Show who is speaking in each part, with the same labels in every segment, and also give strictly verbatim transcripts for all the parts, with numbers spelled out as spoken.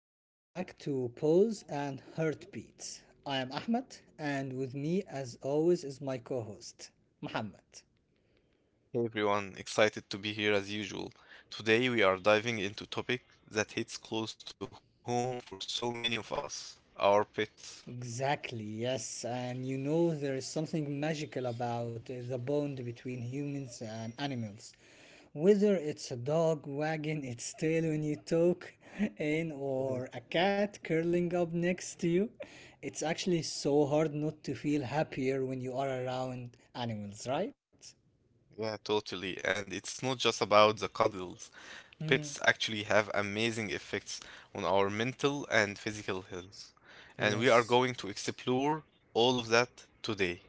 Speaker 1: welcome back to Pause and Heartbeats. I am Ahmed, and with me, as always, is my co host, Mohammed.
Speaker 2: Everyone. Excited to be here as usual. Today, with a topic that hits close to home for so many of us our pets.
Speaker 1: Exactly, yes, and you know there is something magical about uh, the bond between humans and animals. Whether it's a dog wagging its tail when you talk in, or a cat curling up next to you, it's actually so hard not to feel happier when you are around animals, right?
Speaker 2: Yeah, totally. And it's not just about the cuddles.
Speaker 1: Hmm.
Speaker 2: Pets actually have amazing effects on our mental and physical health. And we are
Speaker 1: Yes,
Speaker 2: going to explore all of that today.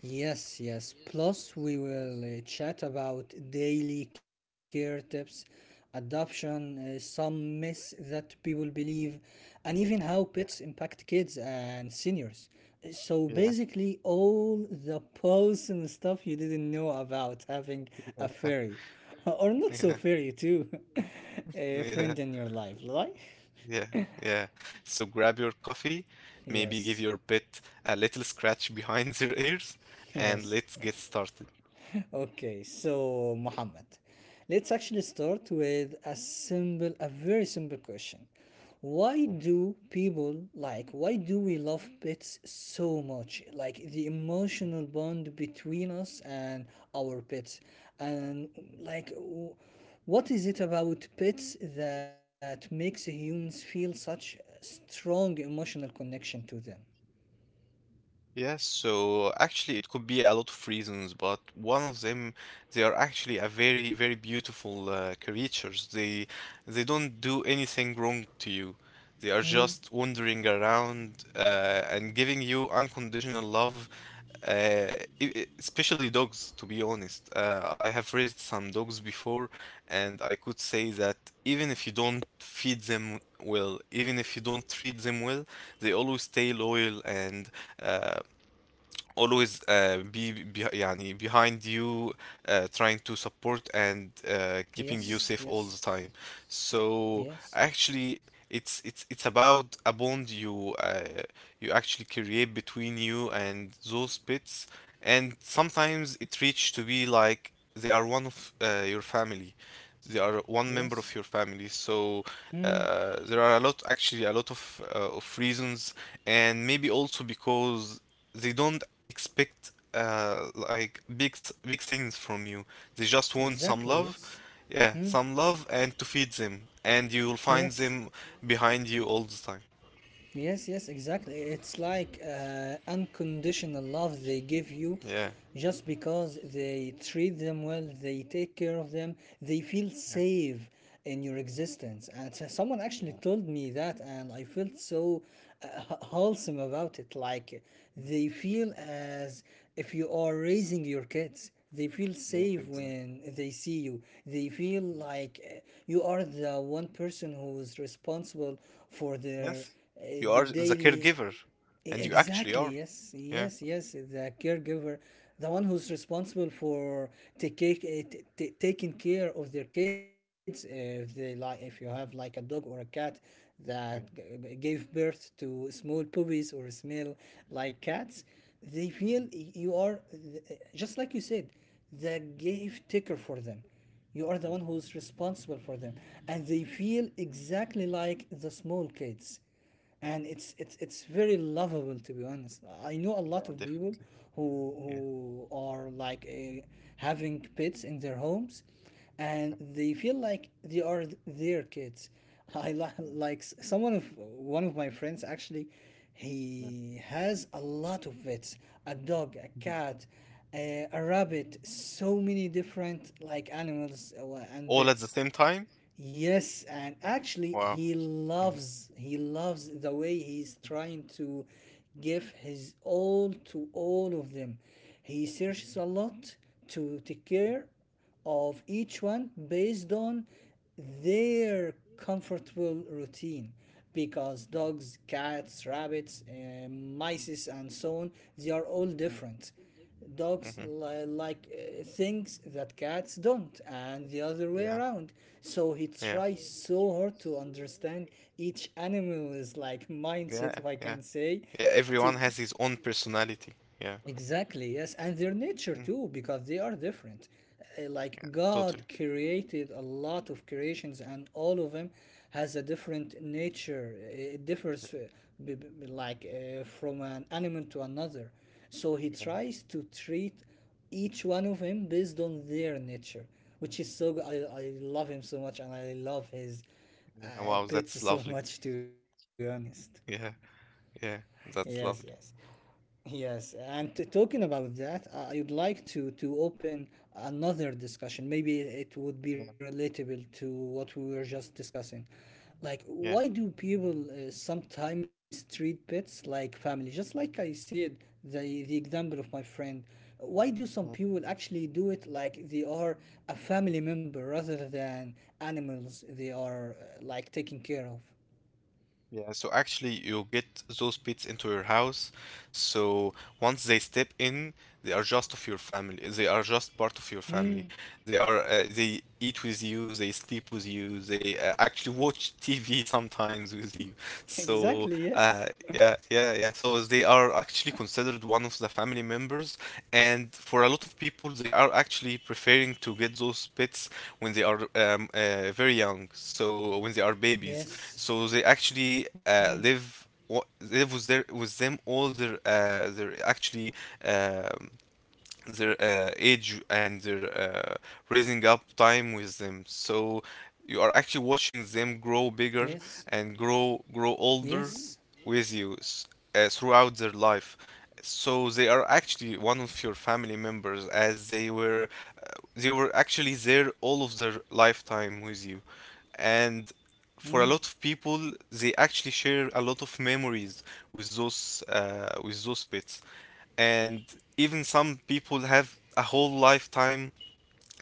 Speaker 1: yes, yes. Plus, we will uh, chat about daily care tips, adoption, uh, some myths that people believe, and even how pets
Speaker 2: Yeah,
Speaker 1: impact kids and seniors. So,
Speaker 2: yeah,
Speaker 1: basically, all the posts and stuff you didn't know about having a fairy, or not so
Speaker 2: yeah,
Speaker 1: fairy, too, a
Speaker 2: yeah.
Speaker 1: friend in your life, right?
Speaker 2: Yeah, yeah. So grab your coffee, maybe give
Speaker 1: Yes,
Speaker 2: your pet a little scratch behind their ears, and
Speaker 1: yes.
Speaker 2: let's get started.
Speaker 1: Okay, so Muhammad, let's actually start with a simple, a very simple question. Why
Speaker 2: Yeah.
Speaker 1: do people like, why do we love pets so much? Like the
Speaker 2: Mhm.
Speaker 1: emotional bond between us and our pets. And like, w- what is it about pets that makes humans feel such a strong emotional connection to them?
Speaker 2: Yes, so actually it could be a lot of reasons, but one of them, they are actually a very, very beautiful uh, creatures. They they don't do anything wrong to you. They are
Speaker 1: Hmm.
Speaker 2: just wandering around uh, and giving you unconditional love, uh, e- e- especially dogs, to be honest. Uh, I have raised some dogs before, and I could say that even if you don't feed them well, even if you don't treat them well, they always stay loyal and. uh, always uh, be, be يعني behind you uh, trying to support and uh,
Speaker 1: Yes,
Speaker 2: keeping you
Speaker 1: yes,
Speaker 2: safe all the time.
Speaker 1: yes,
Speaker 2: So actually it's it's it's about a bond you uh, you actually create between you and those pets, and sometimes it reaches to be like they are one of uh, your family. They are
Speaker 1: yes.
Speaker 2: one member of your family. So
Speaker 1: Hmm.
Speaker 2: uh, there are a lot, actually a lot of uh, of reasons, and maybe also because they don't expect uh, like big s- big things from you. They just want
Speaker 1: Exactly,
Speaker 2: some love.
Speaker 1: yes.
Speaker 2: Yeah,
Speaker 1: Mm,
Speaker 2: some love and to feed them and you will find
Speaker 1: yes.
Speaker 2: them behind you all the time.
Speaker 1: Yes, yes, exactly. It's like uh, unconditional love they give you
Speaker 2: Yeah,
Speaker 1: just because they treat them well, they take care of them, they feel
Speaker 2: yeah.
Speaker 1: safe in your existence. And so- someone actually told me that, and I felt so uh, wholesome about it. Like
Speaker 2: Mm.
Speaker 1: they feel as if you are raising your kids. They feel
Speaker 2: Yes,
Speaker 1: safe
Speaker 2: exactly,
Speaker 1: when they see you. They feel like uh, you are the one person who is responsible for their
Speaker 2: yes.
Speaker 1: uh,
Speaker 2: You
Speaker 1: the
Speaker 2: are the
Speaker 1: daily.
Speaker 2: caregiver,
Speaker 1: E-
Speaker 2: and you actually
Speaker 1: Exactly,
Speaker 2: are.
Speaker 1: yes,
Speaker 2: Yeah,
Speaker 1: yes, yes. The caregiver, the one who's responsible for taking uh, t- t- taking care of their kids. uh, If they like, if you have like a dog or a cat that g-
Speaker 2: yeah.
Speaker 1: g- gave birth to small puppies or smell like cats, they feel y- you are th- just like you said, the gift taker for them. You are the one who's responsible for them, and they feel exactly like the small kids. And it's it's it's very lovable, to be honest. I know a lot
Speaker 2: Yeah,
Speaker 1: of people
Speaker 2: definitely. Yeah,
Speaker 1: who who are like uh, having pets in their homes, and
Speaker 2: yeah,
Speaker 1: they feel like they are their kids. I li-
Speaker 2: yeah,
Speaker 1: like s- Someone of one of my friends actually,
Speaker 2: yeah.
Speaker 1: he has a lot of pets: a dog, a
Speaker 2: Mhm.
Speaker 1: cat, a, a rabbit, so many different like animals uh, and
Speaker 2: All at the
Speaker 1: pets.
Speaker 2: same time?
Speaker 1: Yes, and actually
Speaker 2: Wow.
Speaker 1: he
Speaker 2: Mhm,
Speaker 1: loves he loves the way he's
Speaker 2: mhm,
Speaker 1: trying to give his all to all of them. He searches
Speaker 2: mhm,
Speaker 1: a lot to take care of each one based on their comfortable routine, because
Speaker 2: mhm,
Speaker 1: dogs, cats, rabbits, uh, mice and so on, they are all
Speaker 2: mhm,
Speaker 1: different. Dogs
Speaker 2: mhm.
Speaker 1: li- like uh, things that cats don't, and the other way
Speaker 2: Yeah,
Speaker 1: around. So he
Speaker 2: yeah.
Speaker 1: tries so hard to understand each animal's like
Speaker 2: Yeah,
Speaker 1: mindset, if I
Speaker 2: yeah,
Speaker 1: can say.
Speaker 2: yeah.
Speaker 1: To,
Speaker 2: Everyone
Speaker 1: to
Speaker 2: has his own personality. Yeah,
Speaker 1: Exactly, yes, and their nature
Speaker 2: mm,
Speaker 1: too, because they are different. Uh, Like
Speaker 2: yeah, totally.
Speaker 1: God created a lot of creations, and all of them has a different nature. Uh, It
Speaker 2: Yeah,
Speaker 1: differs, uh, b- b- like uh, from an animal to another. So He
Speaker 2: yeah,
Speaker 1: tries to treat each one of them based on their nature, which is so good. I
Speaker 2: yeah,
Speaker 1: I love him so much, and I love his
Speaker 2: yeah.
Speaker 1: uh,
Speaker 2: Wow,
Speaker 1: pets
Speaker 2: that's
Speaker 1: so
Speaker 2: lovely.
Speaker 1: much. To be honest,
Speaker 2: Yeah, yeah,
Speaker 1: yes,
Speaker 2: that's
Speaker 1: yes.
Speaker 2: lovely.
Speaker 1: Yes, and t- talking about that, uh, I would like to to open another discussion. Maybe it would be
Speaker 2: Yeah,
Speaker 1: relatable to what we were just discussing. Like,
Speaker 2: yeah.
Speaker 1: why do people uh, sometimes treat pets like family? Just like I said, the the example of my friend. Why do some
Speaker 2: yeah.
Speaker 1: people actually do it like they are a family member rather than animals they are uh, like taking care of?
Speaker 2: Yeah, so actually you get those pets into your house. So once they step in, they are just of your family. They are just part of your
Speaker 1: Hmm.
Speaker 2: family. They are uh, they eat with you, they sleep with you, they uh, actually watch T V sometimes with you. So
Speaker 1: Exactly. Yes.
Speaker 2: uh, yeah, yeah, yeah. So they are actually considered one of the family members, and for a lot of people, they are actually preferring to get those pets when they are um, uh, very young. So when they are babies,
Speaker 1: Yes.
Speaker 2: so they actually
Speaker 1: Hmm.
Speaker 2: uh, live wa- live with their with them all their uh, their actually um, their uh, age and their uh, raising up time with them. So you are actually watching them grow bigger
Speaker 1: Yes.
Speaker 2: and grow grow older
Speaker 1: Yes.
Speaker 2: with you s- uh, throughout their life. So they are actually one of your family members, as they were uh, they were actually there all of their lifetime with you, and
Speaker 1: Mm.
Speaker 2: for a lot of people, they actually share a lot of memories with those uh, with those pets, and even some people have a whole lifetime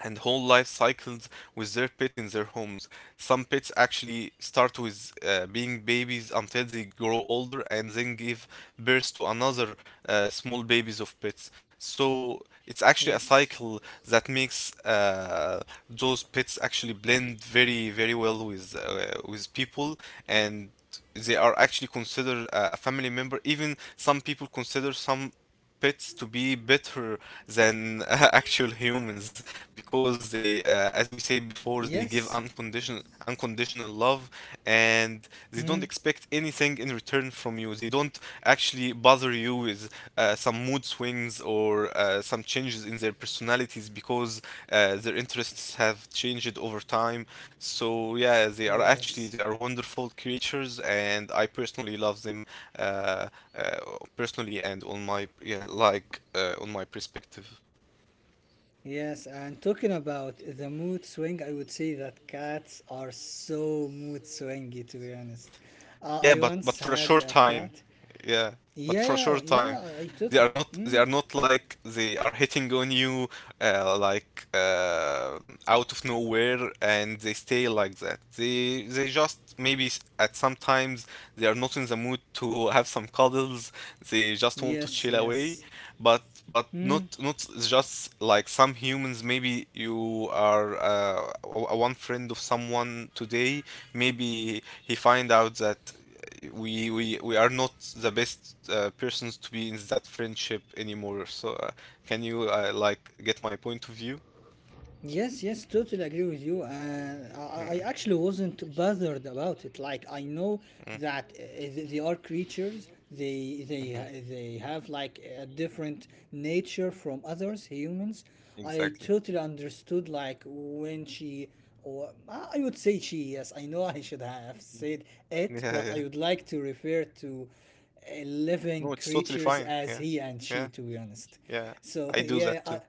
Speaker 2: and whole life cycles with their pets in their homes. Some pets actually start with uh, being babies until they grow older and then give birth to another uh, small babies of pets. So it's actually a
Speaker 1: Yes.
Speaker 2: cycle that makes uh, those pets actually blend very very well with uh, with people, and they are actually considered a a family member. Even some people consider some pets to be better than actual humans because they uh, as we said before, they
Speaker 1: Yes.
Speaker 2: give unconditional unconditional love, and they
Speaker 1: Mm.
Speaker 2: don't expect anything in return from you. They don't actually bother you with uh, some mood swings or or uh, some changes in their personalities because uh, their interests have changed over time. So yeah, they are
Speaker 1: Yes.
Speaker 2: actually they are wonderful creatures, and I personally love them uh, uh, personally and on my yeah, like uh, on my perspective.
Speaker 1: Yes. And talking about the mood swing, I would say that cats are so mood swingy, to be honest. Uh,
Speaker 2: Yeah,
Speaker 1: I
Speaker 2: but but
Speaker 1: once
Speaker 2: for a
Speaker 1: had
Speaker 2: short
Speaker 1: a
Speaker 2: time,
Speaker 1: cat.
Speaker 2: yeah, but
Speaker 1: Yeah,
Speaker 2: for a
Speaker 1: yeah,
Speaker 2: short
Speaker 1: yeah,
Speaker 2: time,
Speaker 1: yeah, I I
Speaker 2: they
Speaker 1: totally.
Speaker 2: are not they
Speaker 1: Mm.
Speaker 2: are not like they are hitting on you uh, like uh, out of nowhere and they stay like that. They they just maybe s- at some times they are not in the mood to have some cuddles. They just want to
Speaker 1: Yes,
Speaker 2: chill
Speaker 1: yes.
Speaker 2: away, but but
Speaker 1: Mm.
Speaker 2: not not just like some humans. Maybe you are uh, a a one friend of someone today, maybe he find out that we we we are not the best uh, persons to be in that friendship anymore. So uh, can you uh, like get my point of view?
Speaker 1: Yes, yes, totally agree with you. And I, I I actually wasn't bothered about it. Like I know
Speaker 2: Mm,
Speaker 1: that uh, th- they are creatures. They
Speaker 2: mhm.
Speaker 1: they they have like a different nature from others humans. I
Speaker 2: Exactly.
Speaker 1: totally understood like when she or I I would say she. Yes, I know I should have
Speaker 2: Mm.
Speaker 1: said it,
Speaker 2: yeah
Speaker 1: but I
Speaker 2: yeah
Speaker 1: would like to refer to uh,
Speaker 2: No,
Speaker 1: living
Speaker 2: it's totally
Speaker 1: creatures
Speaker 2: fine.
Speaker 1: as
Speaker 2: Yeah.
Speaker 1: he and she.
Speaker 2: Yeah.
Speaker 1: To be honest,
Speaker 2: Yeah.
Speaker 1: so
Speaker 2: I do
Speaker 1: yeah,
Speaker 2: that
Speaker 1: I,
Speaker 2: too.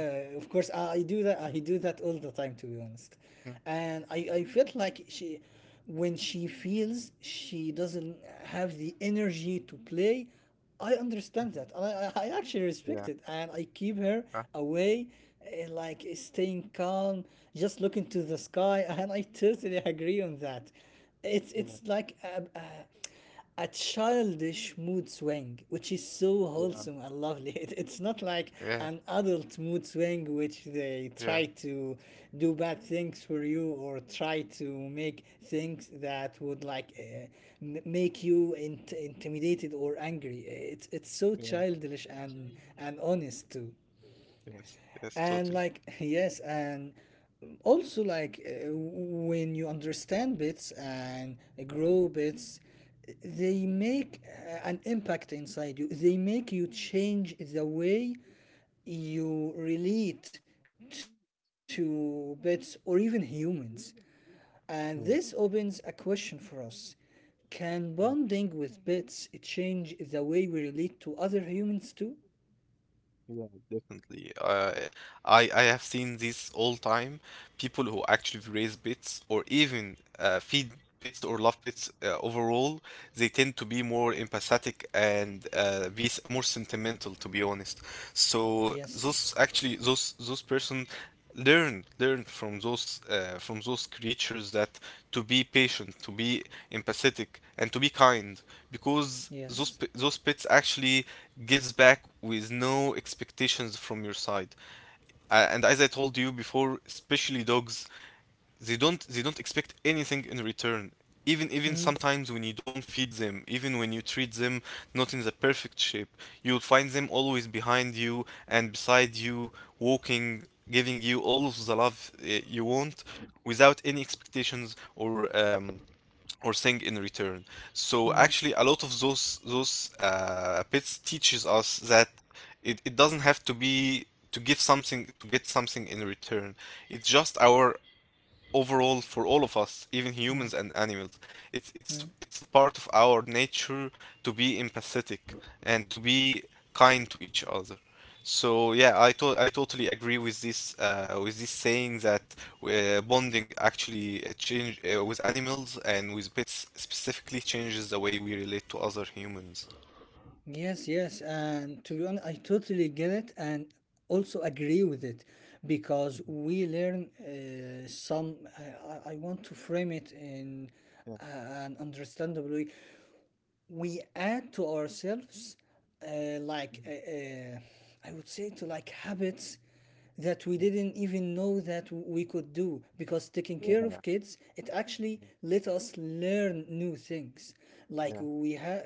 Speaker 2: Mm,
Speaker 1: of course I, I do that. I do that all the time, to be honest.
Speaker 2: mm,
Speaker 1: And I, I felt like she, when she feels she doesn't have the energy to play, I understand that.
Speaker 2: mhm.
Speaker 1: And I, I I actually respect
Speaker 2: Yeah.
Speaker 1: it, and I keep her
Speaker 2: Uh,
Speaker 1: away, eh, like staying calm, just looking to the sky. And I totally agree on that. It's it's
Speaker 2: yeah.
Speaker 1: like a, a a childish mood swing, which is so
Speaker 2: Yeah.
Speaker 1: wholesome and lovely. It, it's not like
Speaker 2: Yeah.
Speaker 1: an adult mood swing, which they
Speaker 2: Yeah.
Speaker 1: try
Speaker 2: Yeah.
Speaker 1: to do bad things for you or try to make things that would like uh, m- make you int- intimidated or angry. It's it's so
Speaker 2: Yeah.
Speaker 1: childish and and honest too.
Speaker 2: Yes. Yes,
Speaker 1: And
Speaker 2: totally.
Speaker 1: like yes, and also like uh, when you understand bits and grow bits, they make uh, an impact inside you. They make you change the way you relate to bits or even humans. And this opens a question for us: can bonding with bits change the way we relate to other humans too?
Speaker 2: Yeah, definitely. Uh, I I have seen this all time. People who actually raise bits or even uh, feed bits or love bits uh, overall, they tend to be more empathetic and uh, be s- more sentimental, to be honest.
Speaker 1: Yes,
Speaker 2: So those actually those those person learn learn from those uh, from those creatures that to be patient, to be empathetic, and to be kind, because
Speaker 1: yes.
Speaker 2: those p- those pets actually gives back with no expectations from your side. Uh, and as I told you before, especially dogs, they don't they don't expect anything in return. even
Speaker 1: Hmm.
Speaker 2: even sometimes when you don't feed them, even when you treat them not in the perfect shape, you'll find them always behind you and beside you, walking, giving you all of the love uh, you want, without any expectations or um, or thing in return. So
Speaker 1: Hmm.
Speaker 2: actually a lot of those those uh, pets teaches us that it, it doesn't have to be to give something to get something in return. It's just our overall for all of us, even humans
Speaker 1: Hmm.
Speaker 2: and animals. It's it's
Speaker 1: Mm.
Speaker 2: it's a part of our nature to be empathetic and to be kind to each other. So yeah, I to- I totally agree with this uh, with this saying that uh, bonding actually uh, change uh, with animals and with pets specifically changes the way we relate to other humans.
Speaker 1: Yes, yes, and to be honest, I totally get it and also agree with it, because we learn uh, some. I, I I want to frame it in
Speaker 2: Yeah.
Speaker 1: a- an understandable way. We add to ourselves uh, like
Speaker 2: mhm,
Speaker 1: uh, uh, I would say to like habits that we
Speaker 2: mhm,
Speaker 1: didn't even know that we could do, because taking care of
Speaker 2: Yeah.
Speaker 1: kids, it actually let us learn new things. Like
Speaker 2: Yeah.
Speaker 1: we have,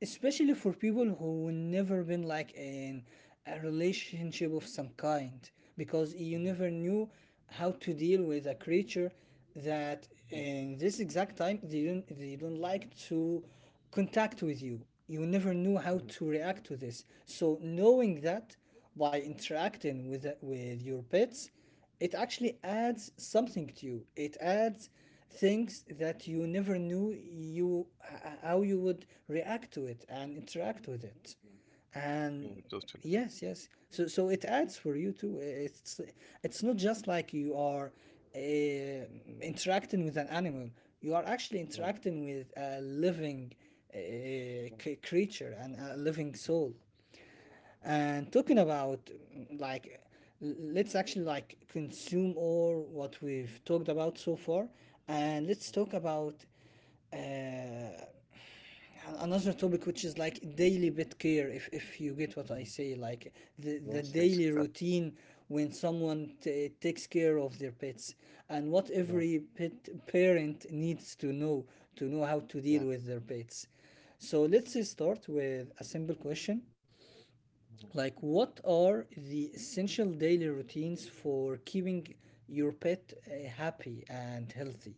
Speaker 1: especially for people who never been like in a relationship of some kind, because you
Speaker 2: mhm,
Speaker 1: never knew how to deal with a creature that
Speaker 2: mhm,
Speaker 1: in this exact time they don't they don't like to contact with you. You never knew
Speaker 2: mhm,
Speaker 1: how to react to this. So knowing that, by interacting with with your pets, it actually adds something to you. It adds things that you never knew you how you would react to it and interact with it. And
Speaker 2: Yeah.
Speaker 1: yes, yes, so so it adds for you too. It's it's not just like you are uh, interacting with an animal, you are actually interacting with a living uh, c- creature and a living soul. And talking about, mm, like, l- let's actually like consume all what we've talked about so far, and let's talk about, uh, and another topic, which is like daily pet care, if, if you get what
Speaker 2: Yeah.
Speaker 1: I say. Like the, the
Speaker 2: Yes. Yes.
Speaker 1: daily
Speaker 2: Exactly.
Speaker 1: routine when someone t- takes care of their pets, and what
Speaker 2: Yeah.
Speaker 1: every pet parent needs to know, to know how to
Speaker 2: Yeah.
Speaker 1: deal with their pets. So let's start with a simple question:
Speaker 2: Mhm.
Speaker 1: like, what are the essential daily routines for keeping your pet uh, happy and healthy?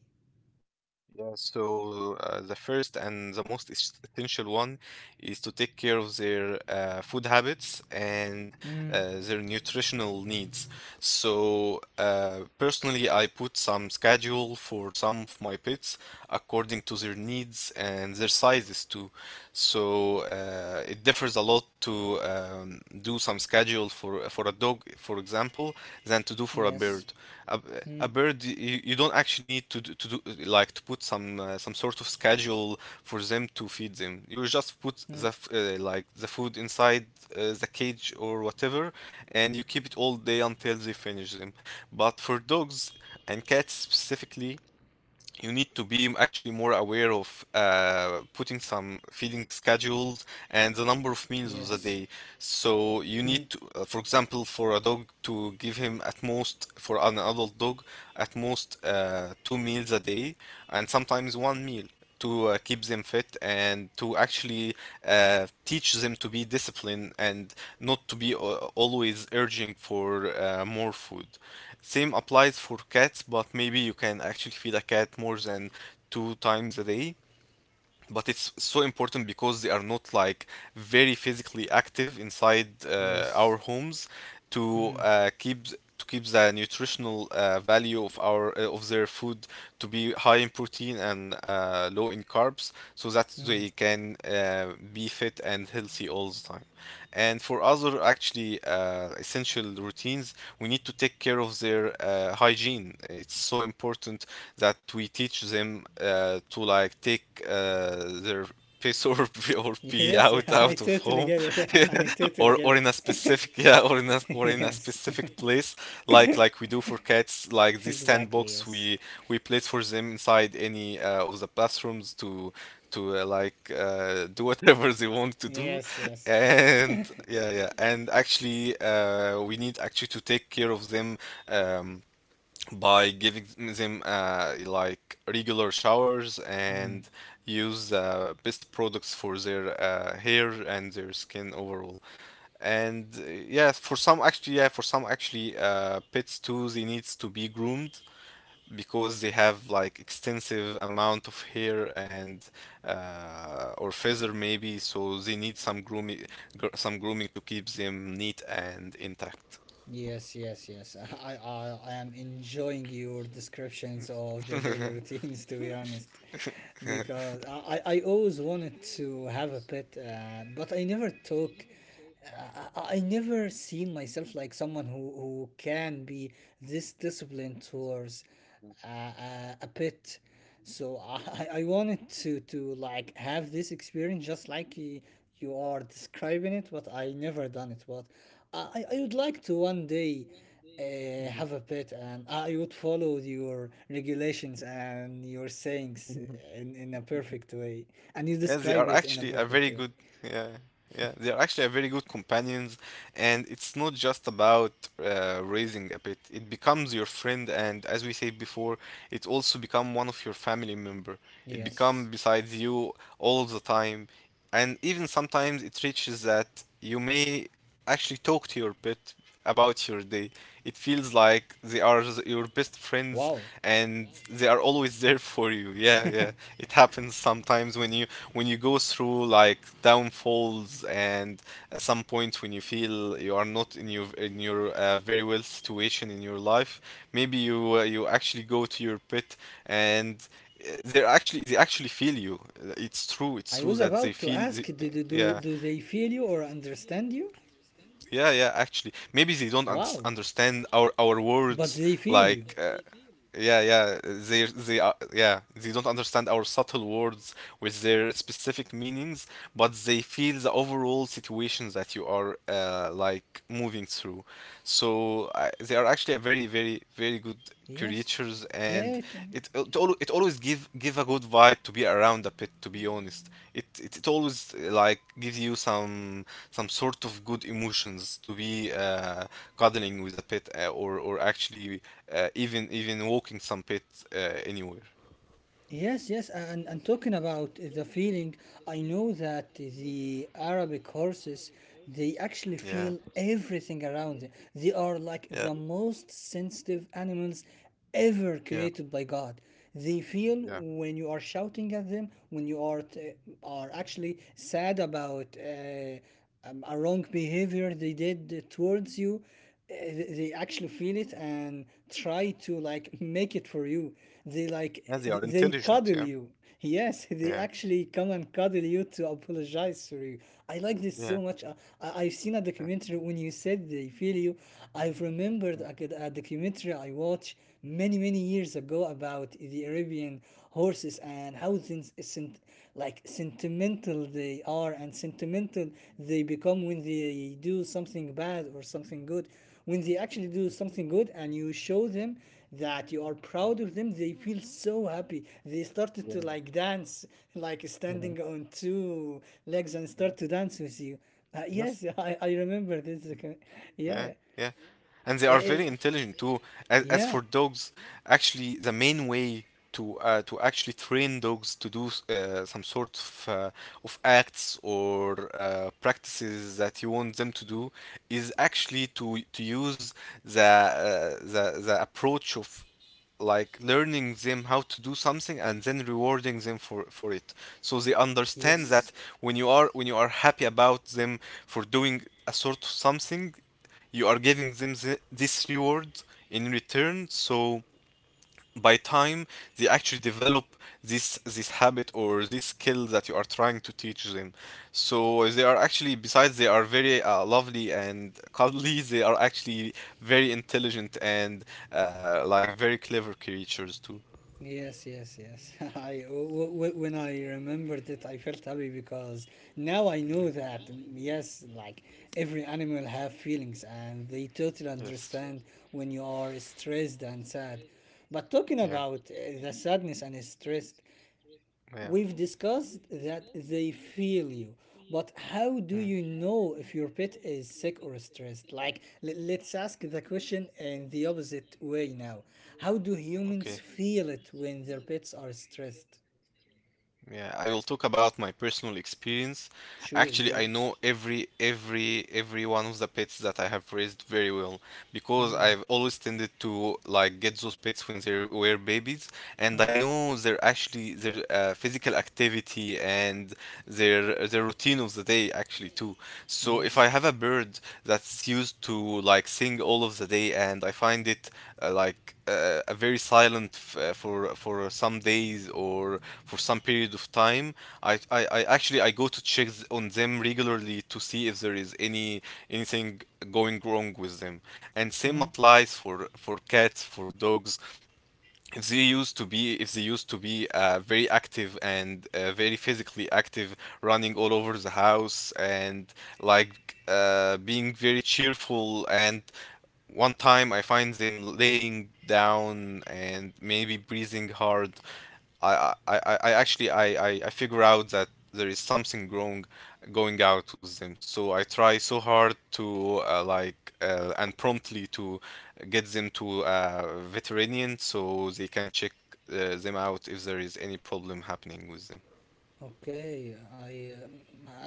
Speaker 2: Yeah, so uh, the first and the most es- essential one is to take care of their uh, food habits and
Speaker 1: Mm,
Speaker 2: uh, their nutritional needs. So, uh, personally, I put some schedule for some of my pets according to their needs and their sizes too. So, uh, it differs a lot to um, do some schedule for for a dog, for example, than to do for a
Speaker 1: yes.
Speaker 2: bird. a,
Speaker 1: Mm.
Speaker 2: a bird you, you don't actually need to do, to do like to put some uh, some sort of schedule for them to feed them. You
Speaker 1: Mm,
Speaker 2: just put the f- uh, like the food inside uh, the cage or whatever, and you keep it all day until they finish them. But for dogs and cats specifically, you need to be actually more aware of uh, putting some feeding schedules and the number
Speaker 1: yes.
Speaker 2: of meals of the day.
Speaker 1: Mm.
Speaker 2: So you need to, uh, for example, for a dog, to give him at most, for an adult dog, at most uh, two meals a day, and sometimes one meal, to uh, keep them fit and to actually uh, teach them to be disciplined and not to be uh, always urging for uh, more food. Same applies for cats, but maybe you can actually feed a cat more than two times a day. But it's so important because they are not like very physically active inside
Speaker 1: Yes.
Speaker 2: uh, our homes,
Speaker 1: Mm.
Speaker 2: to uh, keep to keep the nutritional uh, value of our uh, of their food to be high in protein and uh, low in carbs, so that
Speaker 1: Mm.
Speaker 2: they can uh, be fit and healthy all the time. And for other actually uh, essential routines, we need to take care of their uh, hygiene. It's so important that we we teach them uh, to like take uh, their piss or pee, or pee
Speaker 1: Yes, yeah,
Speaker 2: out
Speaker 1: I
Speaker 2: out of
Speaker 1: totally get
Speaker 2: home,
Speaker 1: it. I totally get
Speaker 2: or or
Speaker 1: it.
Speaker 2: in a specific yeah or in a or in a
Speaker 1: Yes,
Speaker 2: specific place, like like we do for cats, like this
Speaker 1: exactly.
Speaker 2: sandbox
Speaker 1: Yes,
Speaker 2: we we place for them inside any uh, of the bathrooms to to uh, like uh, do whatever they want to do.
Speaker 1: yes, yes.
Speaker 2: And yeah yeah, and actually uh, we need actually to take care of them um, by giving them uh, like regular showers
Speaker 1: Mm.
Speaker 2: and use uh, best products for their uh, hair and their skin overall. And uh, yeah, for some actually, yeah, for some actually, uh, pets too, they needs to be groomed because they have like extensive amount of hair and uh, or feather maybe, so they need some grooming, gr- some grooming to keep them neat and intact.
Speaker 1: Yes, yes, yes. I, I, I am enjoying your descriptions of the daily routines, to be honest, because I, I I always wanted to have a pet, uh, but I never took. I, I I never seen myself like someone who, who can be this disciplined towards uh, a pet. So I, I wanted to, to like have this experience just like y- you are describing it, but I never done it. But I, I would like to one day uh, have a pet, and I would follow your regulations and your sayings in, in a perfect way. And you
Speaker 2: Yes, they
Speaker 1: describe
Speaker 2: are
Speaker 1: it in a
Speaker 2: actually a
Speaker 1: perfect
Speaker 2: very
Speaker 1: way.
Speaker 2: good yeah, yeah, they are actually a very good companions. And it's not just about uh, raising a pet, it becomes your friend, and as we said before, it also become one of your family member. It become
Speaker 1: Yes.
Speaker 2: besides you all the time. And even sometimes it reaches that you may actually talk to your pet about your day. It feels like they are s- your best
Speaker 1: Wow.
Speaker 2: friends and they are always there for you. Yeah, yeah. It happens sometimes when you, when you go through like downfalls, and at some point when you feel you are not in your in your uh, very well situation in your life, maybe you uh, you actually go to your pet, and uh, they're actually they actually feel you. Uh, It's
Speaker 1: I
Speaker 2: true.
Speaker 1: was
Speaker 2: It's true
Speaker 1: about
Speaker 2: that
Speaker 1: to
Speaker 2: they feel.
Speaker 1: ask,
Speaker 2: The,
Speaker 1: do, do, do,
Speaker 2: yeah.
Speaker 1: do they feel you or understand you?
Speaker 2: Yeah, yeah, actually. Maybe they don't un-
Speaker 1: Wow.
Speaker 2: understand our our
Speaker 1: But
Speaker 2: words,
Speaker 1: they feel you.
Speaker 2: like uh, yeah, yeah. They, they, are, yeah. They don't understand our subtle words with their specific meanings, but they feel the overall situation that you are uh, like moving through. So I they are actually a very, very, very good
Speaker 1: Yes.
Speaker 2: creatures.
Speaker 1: Yeah.
Speaker 2: And
Speaker 1: It-
Speaker 2: it it, al- it always give give a good vibe to be around a pet. To be honest, it it, it always uh, like gives you some some sort of good emotions to be uh, cuddling with a pet, uh, or or actually uh, even even walking some pet uh, anywhere.
Speaker 1: yes, yes. And, and talking about the feeling, I know that the Arabic horses, they actually
Speaker 2: Yeah,
Speaker 1: feel everything around them. They are like
Speaker 2: yeah,
Speaker 1: the most sensitive animals ever
Speaker 2: yeah,
Speaker 1: created by God. They feel
Speaker 2: yeah.
Speaker 1: when you are shouting at them, when you are, t- are actually sad about uh, um, a wrong behavior they did towards you uh, they actually feel it and try to like make it for you they like
Speaker 2: Yeah, they are
Speaker 1: they
Speaker 2: intelligent.
Speaker 1: cuddle
Speaker 2: Yeah,
Speaker 1: you. Yes, they
Speaker 2: yeah,
Speaker 1: actually come and cuddle you to apologize for you. I, like this so
Speaker 2: yeah,
Speaker 1: much. I, I- I've seen a
Speaker 2: yeah,
Speaker 1: documentary when you said they feel you. I've remembered
Speaker 2: yeah, yeah,
Speaker 1: a, good- a documentary I watched many many years ago about the Arabian horses, and housings sent, like sentimental they are and sentimental they become when they do something bad or something good. When they actually do something good and you show them that you are proud of them, they feel so happy, they
Speaker 2: yeah,
Speaker 1: started
Speaker 2: yeah,
Speaker 1: to like dance, like
Speaker 2: yeah.
Speaker 1: standing on two legs and
Speaker 2: Yeah.
Speaker 1: start to dance with you. Uh,
Speaker 2: Yes,
Speaker 1: yes. I, I remember this.
Speaker 2: yeah,
Speaker 1: Yeah.
Speaker 2: yeah. And they are
Speaker 1: Eh,
Speaker 2: very
Speaker 1: eh,
Speaker 2: intelligent too. As, as
Speaker 1: yeah,
Speaker 2: for dogs, actually, the main way to uh, to actually train dogs to do uh, some sort of uh, of acts or uh, practices that you want them to do is actually to to use the uh, the the approach of like learning them how to do something and then rewarding them for for it, so they
Speaker 1: yes.
Speaker 2: understand that when you are, when you are happy about them for doing a sort of something, you are giving them the, this reward in return. So by time they actually develop this this habit or this skill that you are trying to teach them. So they are actually, besides they are very uh, lovely and cuddly, they are actually very intelligent and uh, like very clever creatures too.
Speaker 1: Yes, yes, yes. I w- w- when I remembered it, I felt happy because now I know that, mm, yes, like every animal have feelings and they totally
Speaker 2: Yes,
Speaker 1: understand when you are stressed and sad. But talking
Speaker 2: yeah,
Speaker 1: about uh, the sadness and stress,
Speaker 2: yeah.
Speaker 1: we've discussed that they feel you, but how do
Speaker 2: Mm.
Speaker 1: you know if your pet is sick or stressed? Like, le- let's ask the question in the opposite way now. How do
Speaker 2: Now. How.
Speaker 1: humans
Speaker 2: Okay.
Speaker 1: feel it when their pets are
Speaker 2: It?
Speaker 1: stressed?
Speaker 2: Yeah, I will talk about my personal experience.
Speaker 1: Sure,
Speaker 2: Actually, I
Speaker 1: go.
Speaker 2: know every every every one of the pets that I have raised very well, because I've
Speaker 1: Mm,
Speaker 2: always tended to like get those pets when they were babies. And I
Speaker 1: mm,
Speaker 2: know their, actually their uh, physical activity and their their routine of the day actually too. So if I
Speaker 1: yes.
Speaker 2: have a bird that's used to like sing all of the day, and I find it uh, like uh, a very silent f- uh, for for some days or for some period of time, I, I, I actually I go to check th- on them regularly to see if there is any anything going wrong with them. And same
Speaker 1: Mm.
Speaker 2: applies for for cats, for dogs, if they used to be, if they used to be uh, very active and uh, very physically active, running all over the house and like uh, being very cheerful, and one time I find them laying down and maybe breathing hard. I, I, I I actually I, I, I figure out that there is something wrong going out with them. So I try so hard to uh, like uh, and promptly to get them to a veterinarian, so they can check uh, them out if there is any problem happening with them.
Speaker 1: Okay, I um,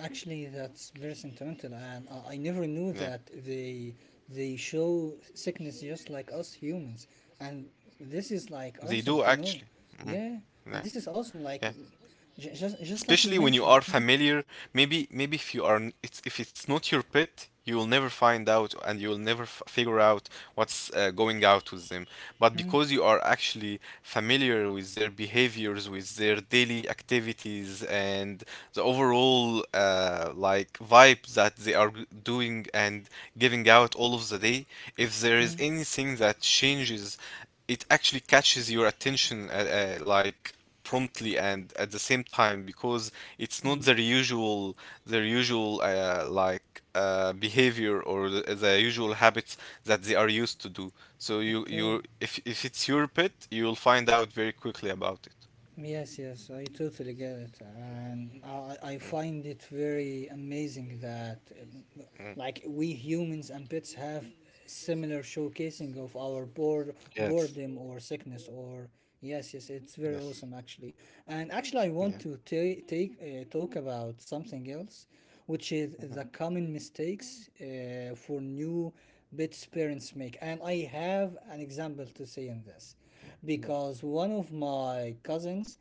Speaker 1: actually that's very sentimental, and I, I never knew
Speaker 2: Yeah,
Speaker 1: that they they show sickness just like us humans, and this is like
Speaker 2: they do
Speaker 1: awesome to
Speaker 2: actually.
Speaker 1: know.
Speaker 2: Mm.
Speaker 1: Yeah, and
Speaker 2: Yeah,
Speaker 1: this is awesome, like,
Speaker 2: yeah.
Speaker 1: um, ju- just just like we
Speaker 2: Especially when you are
Speaker 1: mentioned. Mm,
Speaker 2: familiar. Maybe maybe if you are, it's, if it's not your pet, you will never find out and you will never f- figure out what's uh, going out with them. But
Speaker 1: mm,
Speaker 2: because you are actually familiar with their behaviors, with their daily activities, and the overall uh, like vibe that they are g- doing and giving out all of the day, if there is
Speaker 1: mm,
Speaker 2: anything that changes, it actually catches your attention, uh, uh, like promptly and at the same time, because it's
Speaker 1: mm.
Speaker 2: not their usual, their usual uh, like uh, behavior or the, the usual habits that they are used to do. So you
Speaker 1: Okay.
Speaker 2: you if if it's your pet, you'll find out very quickly about it.
Speaker 1: Yes, yes, I totally get it, and I, I find it very amazing that, um,
Speaker 2: Mm.
Speaker 1: like, we humans and pets have similar showcasing of our bored
Speaker 2: Yes.
Speaker 1: boredom or sickness, or yes, yes, it's very
Speaker 2: Yes.
Speaker 1: awesome actually. And actually, I want to
Speaker 2: Yeah.
Speaker 1: ta- take uh, talk about something else, which is the
Speaker 2: Mhm.
Speaker 1: common mistakes uh, for new pets parents make, and I have an example to say in this
Speaker 2: Yeah.
Speaker 1: because one of my cousins,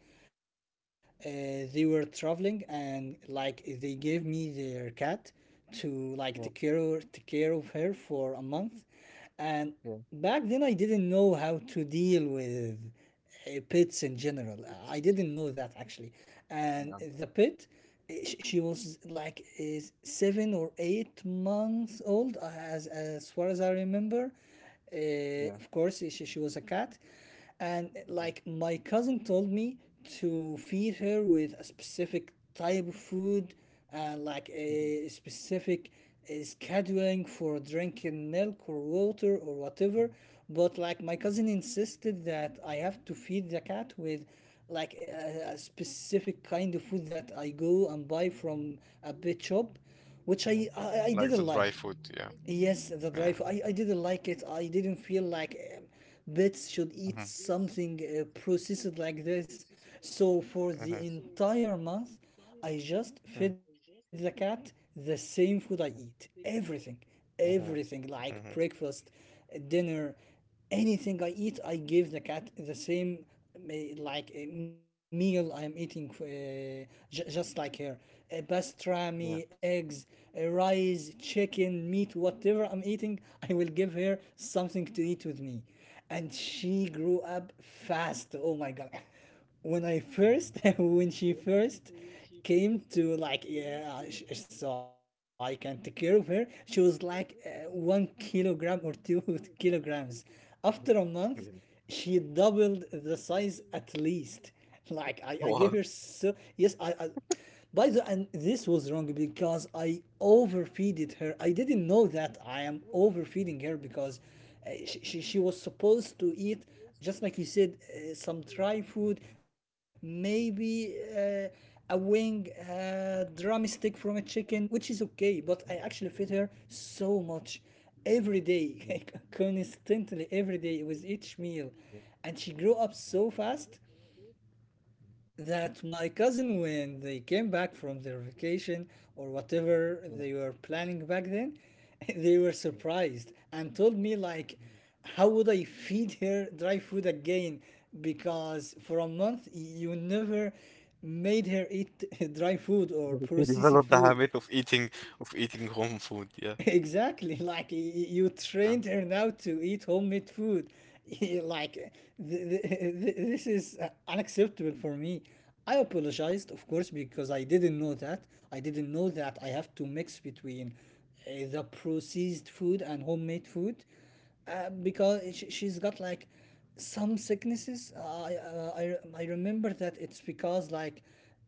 Speaker 1: uh, they were traveling and like they gave me their cat to like take care of, take care of her for a month. And
Speaker 2: Yeah.
Speaker 1: back then I didn't know how to deal with uh, pets in general. I didn't know that actually. And
Speaker 2: Yeah. Yeah.
Speaker 1: the pet, uh, sh- she was like is seven or eight months old, uh, as as far as I remember. Uh,
Speaker 2: Yeah.
Speaker 1: of course, she, she was a cat. And
Speaker 2: Yeah.
Speaker 1: like my cousin told me to feed her with a specific type of food and like
Speaker 2: Mhm.
Speaker 1: a specific uh, scheduling for drinking milk or water or whatever.
Speaker 2: Mhm.
Speaker 1: But like my cousin
Speaker 2: Mhm.
Speaker 1: insisted that I have to feed the cat with like a, a specific kind of food that I go and buy from a pet shop, which
Speaker 2: Yeah.
Speaker 1: I, I, I
Speaker 2: Like the
Speaker 1: didn't
Speaker 2: dry
Speaker 1: like.
Speaker 2: food. Yeah.
Speaker 1: Yes, the dry
Speaker 2: Yeah.
Speaker 1: food. I, I didn't like it. I didn't feel like, um, pets should eat
Speaker 2: Mhm.
Speaker 1: something uh, processed like this. So for the
Speaker 2: Mhm.
Speaker 1: entire month, I just fed the
Speaker 2: Mhm.
Speaker 1: cat the same food I eat. Everything.
Speaker 2: Mhm.
Speaker 1: Everything like
Speaker 2: Mhm.
Speaker 1: breakfast, uh, dinner. Anything I eat, I give the cat the same uh, like a meal I'm eating, uh, j- just like her. Uh,
Speaker 2: Yeah.
Speaker 1: pastrami, eggs, uh, rice, chicken, meat, whatever I'm eating, I will give her something to eat with me. And she grew up fast. Oh my god. When I
Speaker 2: Mhm.
Speaker 1: first when she first came to like, yeah, sh- so I can take care of her, she was like uh, one kilogram or two kilograms. After a
Speaker 2: Mhm.
Speaker 1: month
Speaker 2: Yeah.
Speaker 1: she doubled the size at least, like, I, I gave her
Speaker 2: Wow.
Speaker 1: so, yes, I, I by the and this was wrong because I overfeeded her. I didn't know that I am overfeeding her because, uh, she, she, she was supposed to eat just like you said, uh, some dry food, maybe uh, a wing, a drumstick from a chicken, which is okay. But I actually fed her so much every day,
Speaker 2: Yeah.
Speaker 1: constantly every day with each meal, and she grew up so fast that my cousin, when they came back from their vacation or whatever
Speaker 2: Yeah.
Speaker 1: they were planning back then, they were
Speaker 2: Yeah.
Speaker 1: surprised and told me like,
Speaker 2: Mhm.
Speaker 1: how would I feed her dry food again, because for a month you never made her eat dry food or
Speaker 2: Yeah. Have to
Speaker 1: processed
Speaker 2: develop the
Speaker 1: food.
Speaker 2: habit of eating, of eating home food. Yeah.
Speaker 1: Exactly, like, y- y- you
Speaker 2: Yeah.
Speaker 1: trained her now to eat homemade food. Like, th- th- th- this is uh, unacceptable for me. I apologized, of course, because I didn't know that. I didn't know that I have to mix between uh, the processed food and homemade food, uh, because she, she's got like some sicknesses. I, uh, I, re- I remember that it's because like,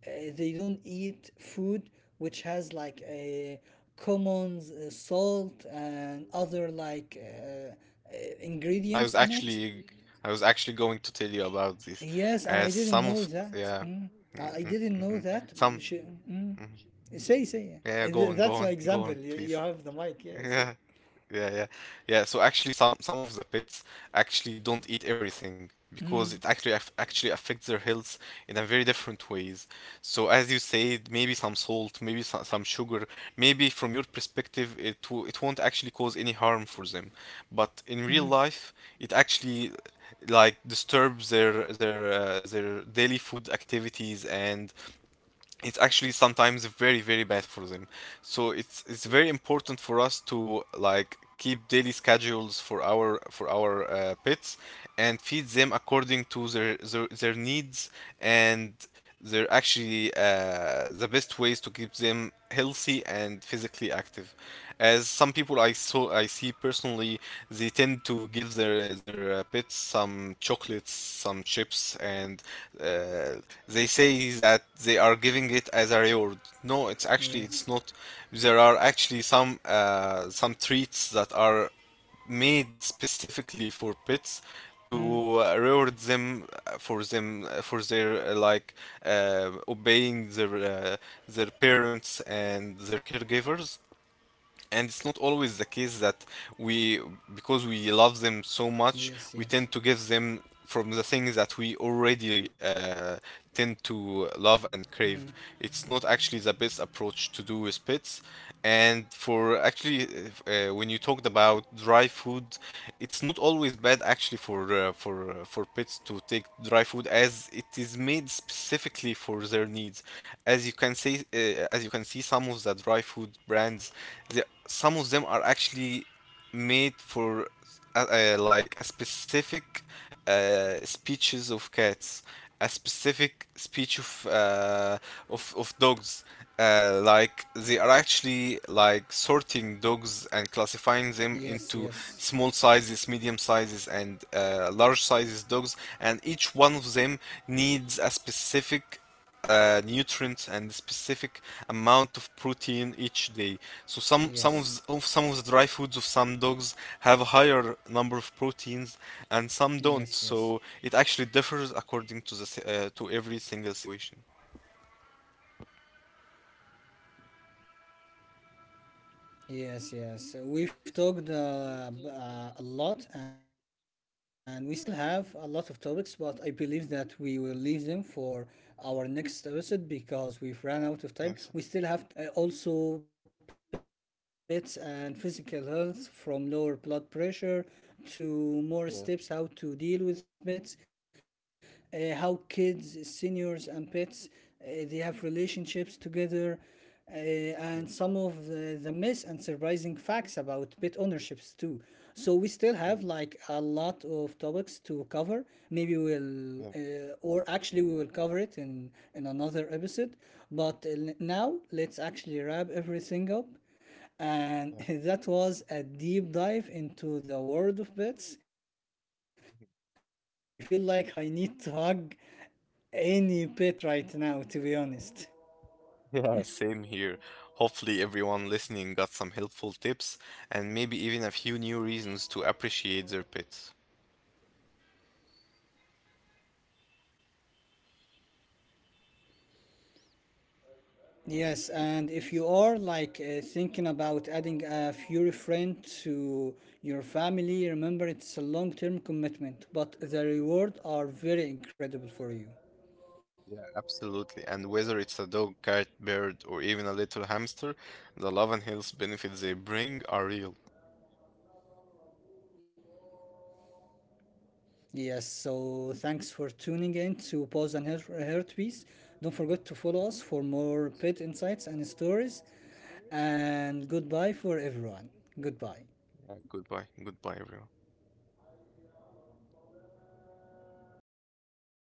Speaker 1: uh, they don't eat food which has like a common uh, salt and other like uh, uh,
Speaker 2: I was
Speaker 1: ingredients on it.
Speaker 2: actually, I was actually going to tell you about this.
Speaker 1: Yes, and
Speaker 2: Uh,
Speaker 1: I didn't
Speaker 2: some
Speaker 1: know
Speaker 2: of,
Speaker 1: that.
Speaker 2: yeah.
Speaker 1: Mm. I I didn't know
Speaker 2: Mm-hmm.
Speaker 1: that.
Speaker 2: Some. Mhm.
Speaker 1: She, mm.
Speaker 2: Some.
Speaker 1: Say, say. Yeah.
Speaker 2: Yeah,
Speaker 1: Uh,
Speaker 2: yeah,
Speaker 1: th-
Speaker 2: go on,
Speaker 1: That's
Speaker 2: go
Speaker 1: my
Speaker 2: on,
Speaker 1: example.
Speaker 2: go on,
Speaker 1: You, you
Speaker 2: please.
Speaker 1: have the mic. Yeah, say.
Speaker 2: Yeah, yeah, yeah, yeah. So actually, some some of the pets actually don't eat everything because it actually aff- actually affects their health in a very different ways. So as you say, maybe some salt, maybe some, some sugar, maybe from your perspective, it w- it won't actually cause any harm for them, but
Speaker 1: Mm.
Speaker 2: in real life, it actually like disturbs their their uh, their daily food activities, and it's actually sometimes very very bad for them. So it's it's very important for us to like keep daily schedules for our, for our uh, pets, and feed them according to their their, their needs. And they're actually uh, the best ways to keep them healthy and physically active. As some people i saw I see personally, they tend to give their their uh, pets some chocolates, some chips, and uh, they say that they are giving it as a reward. No, it's actually, it's not.
Speaker 1: Yes.
Speaker 2: There are actually some uh, some treats that are made specifically for pets to uh, reward
Speaker 1: Mm.
Speaker 2: them uh, for them uh, for their uh, like uh, obeying their uh, their parents and their caregivers. And it's not always the case
Speaker 1: Yes,
Speaker 2: that
Speaker 1: yes.
Speaker 2: we, because we love them so much, we tend to give them from the things
Speaker 1: Mm.
Speaker 2: that we already uh, tend to love and crave. It's not actually the best approach to do with pets. And for actually uh, when you talked about dry food, it's not always bad actually for uh, for uh, for pets to take dry food, as it is made specifically for their needs. As you can say, uh, as you can see, some of the dry food brands, the, some of them are actually made for uh, uh, like a specific uh, species of cats, a specific speech of uh, of of dogs. Uh, like they are actually like sorting dogs and
Speaker 1: Yes,
Speaker 2: classifying
Speaker 1: yes,
Speaker 2: them into small sizes, medium sizes, and uh, large sizes dogs. And each one of them needs a specific uh, nutrients and specific amount of protein each
Speaker 1: yes,
Speaker 2: day. So some some of, s- of some of the dry foods of some dogs have a higher
Speaker 1: yes,
Speaker 2: number of
Speaker 1: yes.
Speaker 2: proteins, and some don't. So it actually differs according to the si- uh, to every single situation.
Speaker 1: Yes, yes. So we've talked, uh, b- uh, a lot, and we still have a lot of topics, but I believe that we will leave them for our next episode because we've run out of time. We still have topics like the science
Speaker 2: Yes.
Speaker 1: behind pets and mental health, uh, also pets and physical health, from lower blood pressure to more
Speaker 2: Yeah.
Speaker 1: steps, how to deal with pets, uh, how kids, seniors, and pets, uh, they have relationships together, uh, and some of the, the myths and surprising facts about pet ownerships too. So we still have
Speaker 2: Yeah.
Speaker 1: like a lot of topics to cover. Maybe we'll,
Speaker 2: Yeah.
Speaker 1: uh, or actually we will cover it in in another episode. But uh, n- now let's actually wrap everything up. And
Speaker 2: Yeah.
Speaker 1: that was a deep dive into the world of pets. And I feel like I need to hug any pet right now, to be honest.
Speaker 2: Yeah, same here. Hopefully, everyone listening got some helpful tips and maybe even a few new reasons to appreciate their pets.
Speaker 1: Yes, and if you are like, uh, thinking about adding a furry friend to your family, remember it's a long-term commitment, but the rewards are very incredible for you.
Speaker 2: Yeah, absolutely. And whether it's a dog, cat, bird, or even a little hamster, the love and health benefits they bring are real.
Speaker 1: Yes, so thanks for tuning in to Pause and Heart Heartbeats. Don't forget to follow us for more pet insights and stories. And goodbye for everyone. Goodbye.
Speaker 2: Yeah, goodbye. Goodbye, everyone.